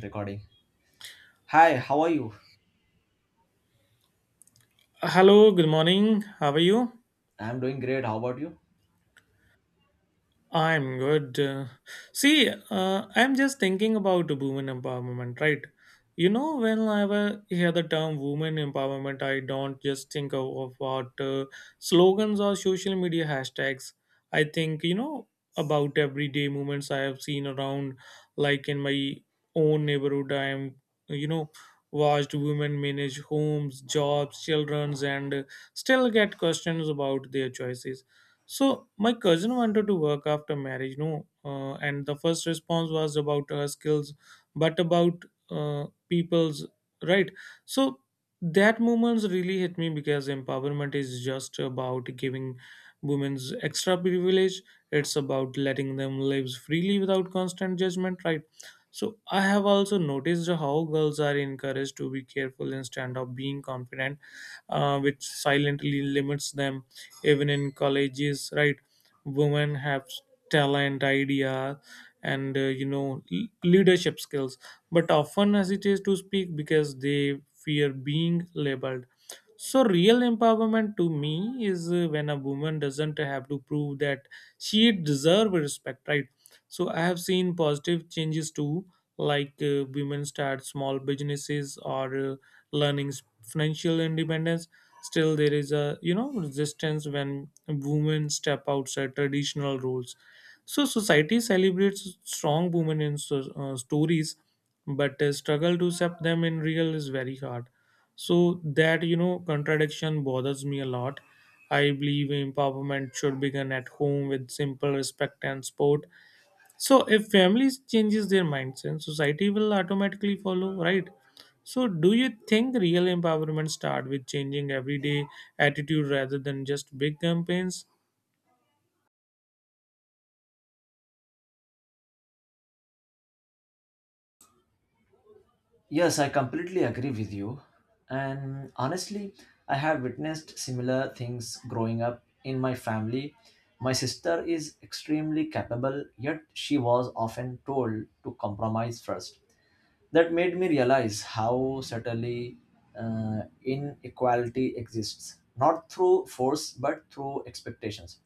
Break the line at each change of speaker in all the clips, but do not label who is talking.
Recording. Hi, how are you?
Hello, good morning. How are you?
I'm doing great. How about you?
I'm good. I'm just thinking about women empowerment, right? You know, when I ever hear the term women empowerment, I don't just think of what slogans or social media hashtags. I think, about everyday movements I have seen around, like in my own neighborhood, I'm, you know, watched women manage homes, jobs, children's, and still get questions about their choices. So my cousin wanted to work after marriage, no, and the first response was about her skills, but about people's right. So that moments really hit me because empowerment is just about giving women's extra privilege. It's about letting them live freely without constant judgment, right? So I have also noticed how girls are encouraged to be careful instead of being confident, which silently limits them even in colleges, right? Women have talent, idea, and leadership skills, but often hesitate to speak because they fear being labeled. So, real empowerment to me is, when a woman doesn't have to prove that she deserves respect, right? So, I have seen positive changes too, like women start small businesses or learning financial independence. Still, there is a, resistance when women step outside traditional roles. So, society celebrates strong women in, so, stories, but struggle to accept them in real is very hard. So that, contradiction bothers me a lot. I believe empowerment should begin at home with simple respect and support. So if families changes their mindset, society will automatically follow, right? So do you think real empowerment start with changing everyday attitude rather than just big campaigns?
Yes, I completely agree with you. And honestly, I have witnessed similar things growing up in my family. My sister is extremely capable, yet she was often told to compromise first. That made me realize how subtly inequality exists, not through force but through expectations.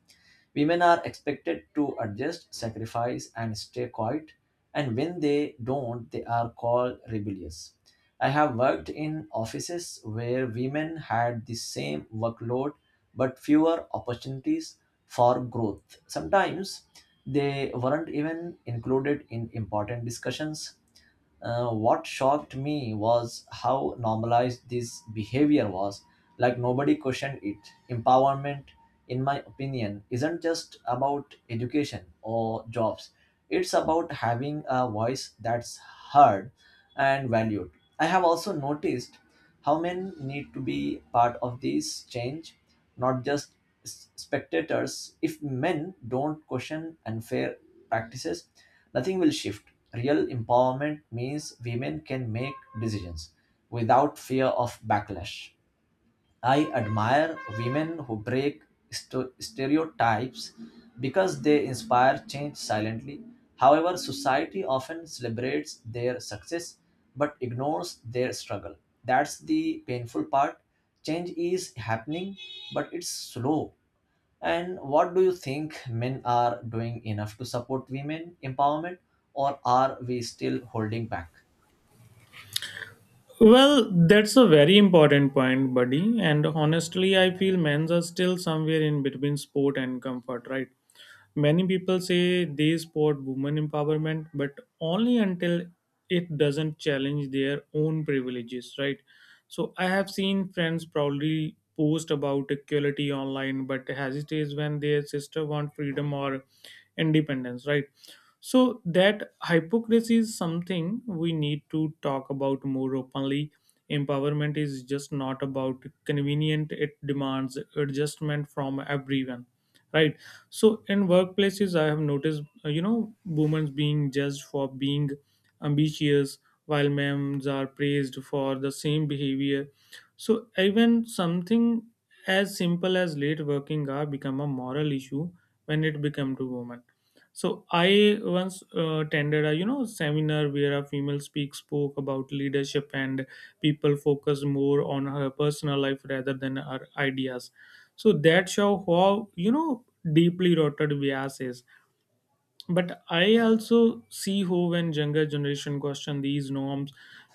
Women are expected to adjust, sacrifice, and stay quiet, and when they don't, they are called rebellious. I have worked in offices where women had the same workload but fewer opportunities for growth. Sometimes they weren't even included in important discussions. What shocked me was how normalized this behavior was. Like nobody questioned it. Empowerment, in my opinion, isn't just about education or jobs, it's about having a voice that's heard and valued. I have also noticed how men need to be part of this change, not just spectators. If men don't question unfair practices, nothing will shift. Real empowerment means women can make decisions without fear of backlash. I admire women who break stereotypes because they inspire change silently. However, society often celebrates their success but ignores their struggle. That's the painful part. Change is happening, but it's slow. And what do you think, men are doing enough to support women empowerment, or are we still holding back?
Well, that's a very important point, buddy. And honestly, I feel men's are still somewhere in between sport and comfort, right? Many people say they support women empowerment, but only until it doesn't challenge their own privileges, right? So I have seen friends proudly post about equality online, but hesitate when their sister want freedom or independence, right? So that hypocrisy is something we need to talk about more openly. Empowerment is just not about convenient; it demands adjustment from everyone, right? So in workplaces I have noticed, women being judged for being ambitious while men are praised for the same behavior. So even something as simple as late working hour become a moral issue when it become to women. So I once attended a, seminar where a female speak spoke about leadership and people focus more on her personal life rather than her ideas. So that show how, deeply rooted bias is. But I also see how when younger generation question these norms,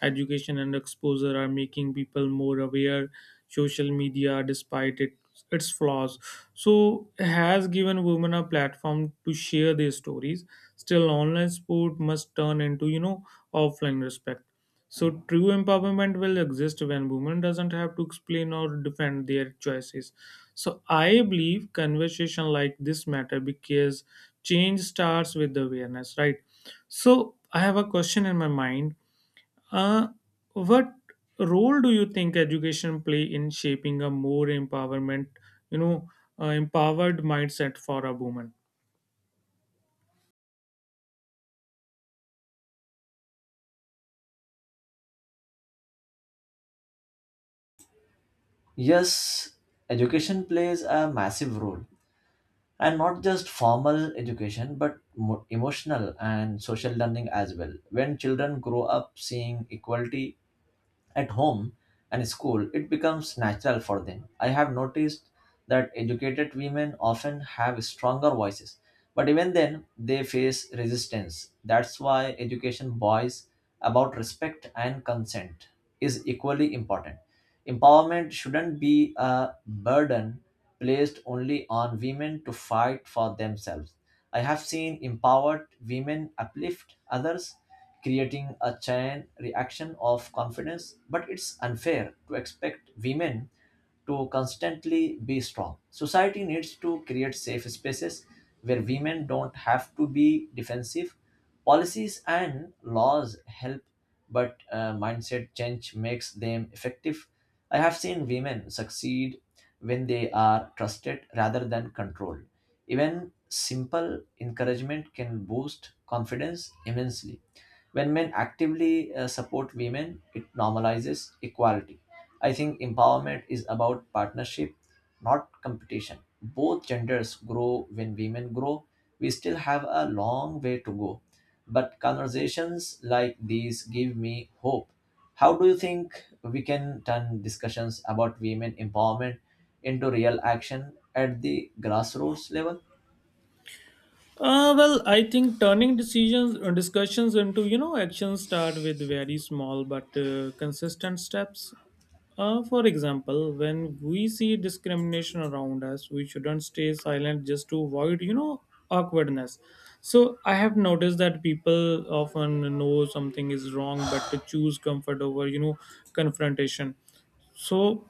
education and exposure are making people more aware. Social media, despite it, its flaws, so has given women a platform to share their stories. Still online sport must turn into, offline respect. So true empowerment will exist when women doesn't have to explain or defend their choices. So I believe conversation like this matter because change starts with the awareness, right? So I have a question in my mind. Uh, what role do you think education play in shaping a more empowerment, you know, empowered mindset for a woman?
Yes, education plays a massive role, and not just formal education, but emotional and social learning as well. When children grow up seeing equality at home and school, it becomes natural for them. I have noticed that educated women often have stronger voices, but even then, they face resistance. That's why education boys about respect and consent is equally important. Empowerment shouldn't be a burden placed only on women to fight for themselves. I have seen empowered women uplift others creating a chain reaction of confidence, but it's unfair to expect women to constantly be strong. Society needs to create safe spaces where women don't have to be defensive. Policies and laws help, but mindset change makes them effective. I have seen women succeed when they are trusted rather than controlled. Even simple encouragement can boost confidence immensely. When men actively support women, it normalizes equality. I think empowerment is about partnership, not competition. Both genders grow when women grow. We still have a long way to go, but conversations like these give me hope. How do you think we can turn discussions about women empowerment into real action at the grassroots level?
Well, I think turning decisions or discussions into, actions start with very small but consistent steps. For example, when we see discrimination around us, we shouldn't stay silent just to avoid, awkwardness. So I have noticed that people often know something is wrong, but to choose comfort over, confrontation. So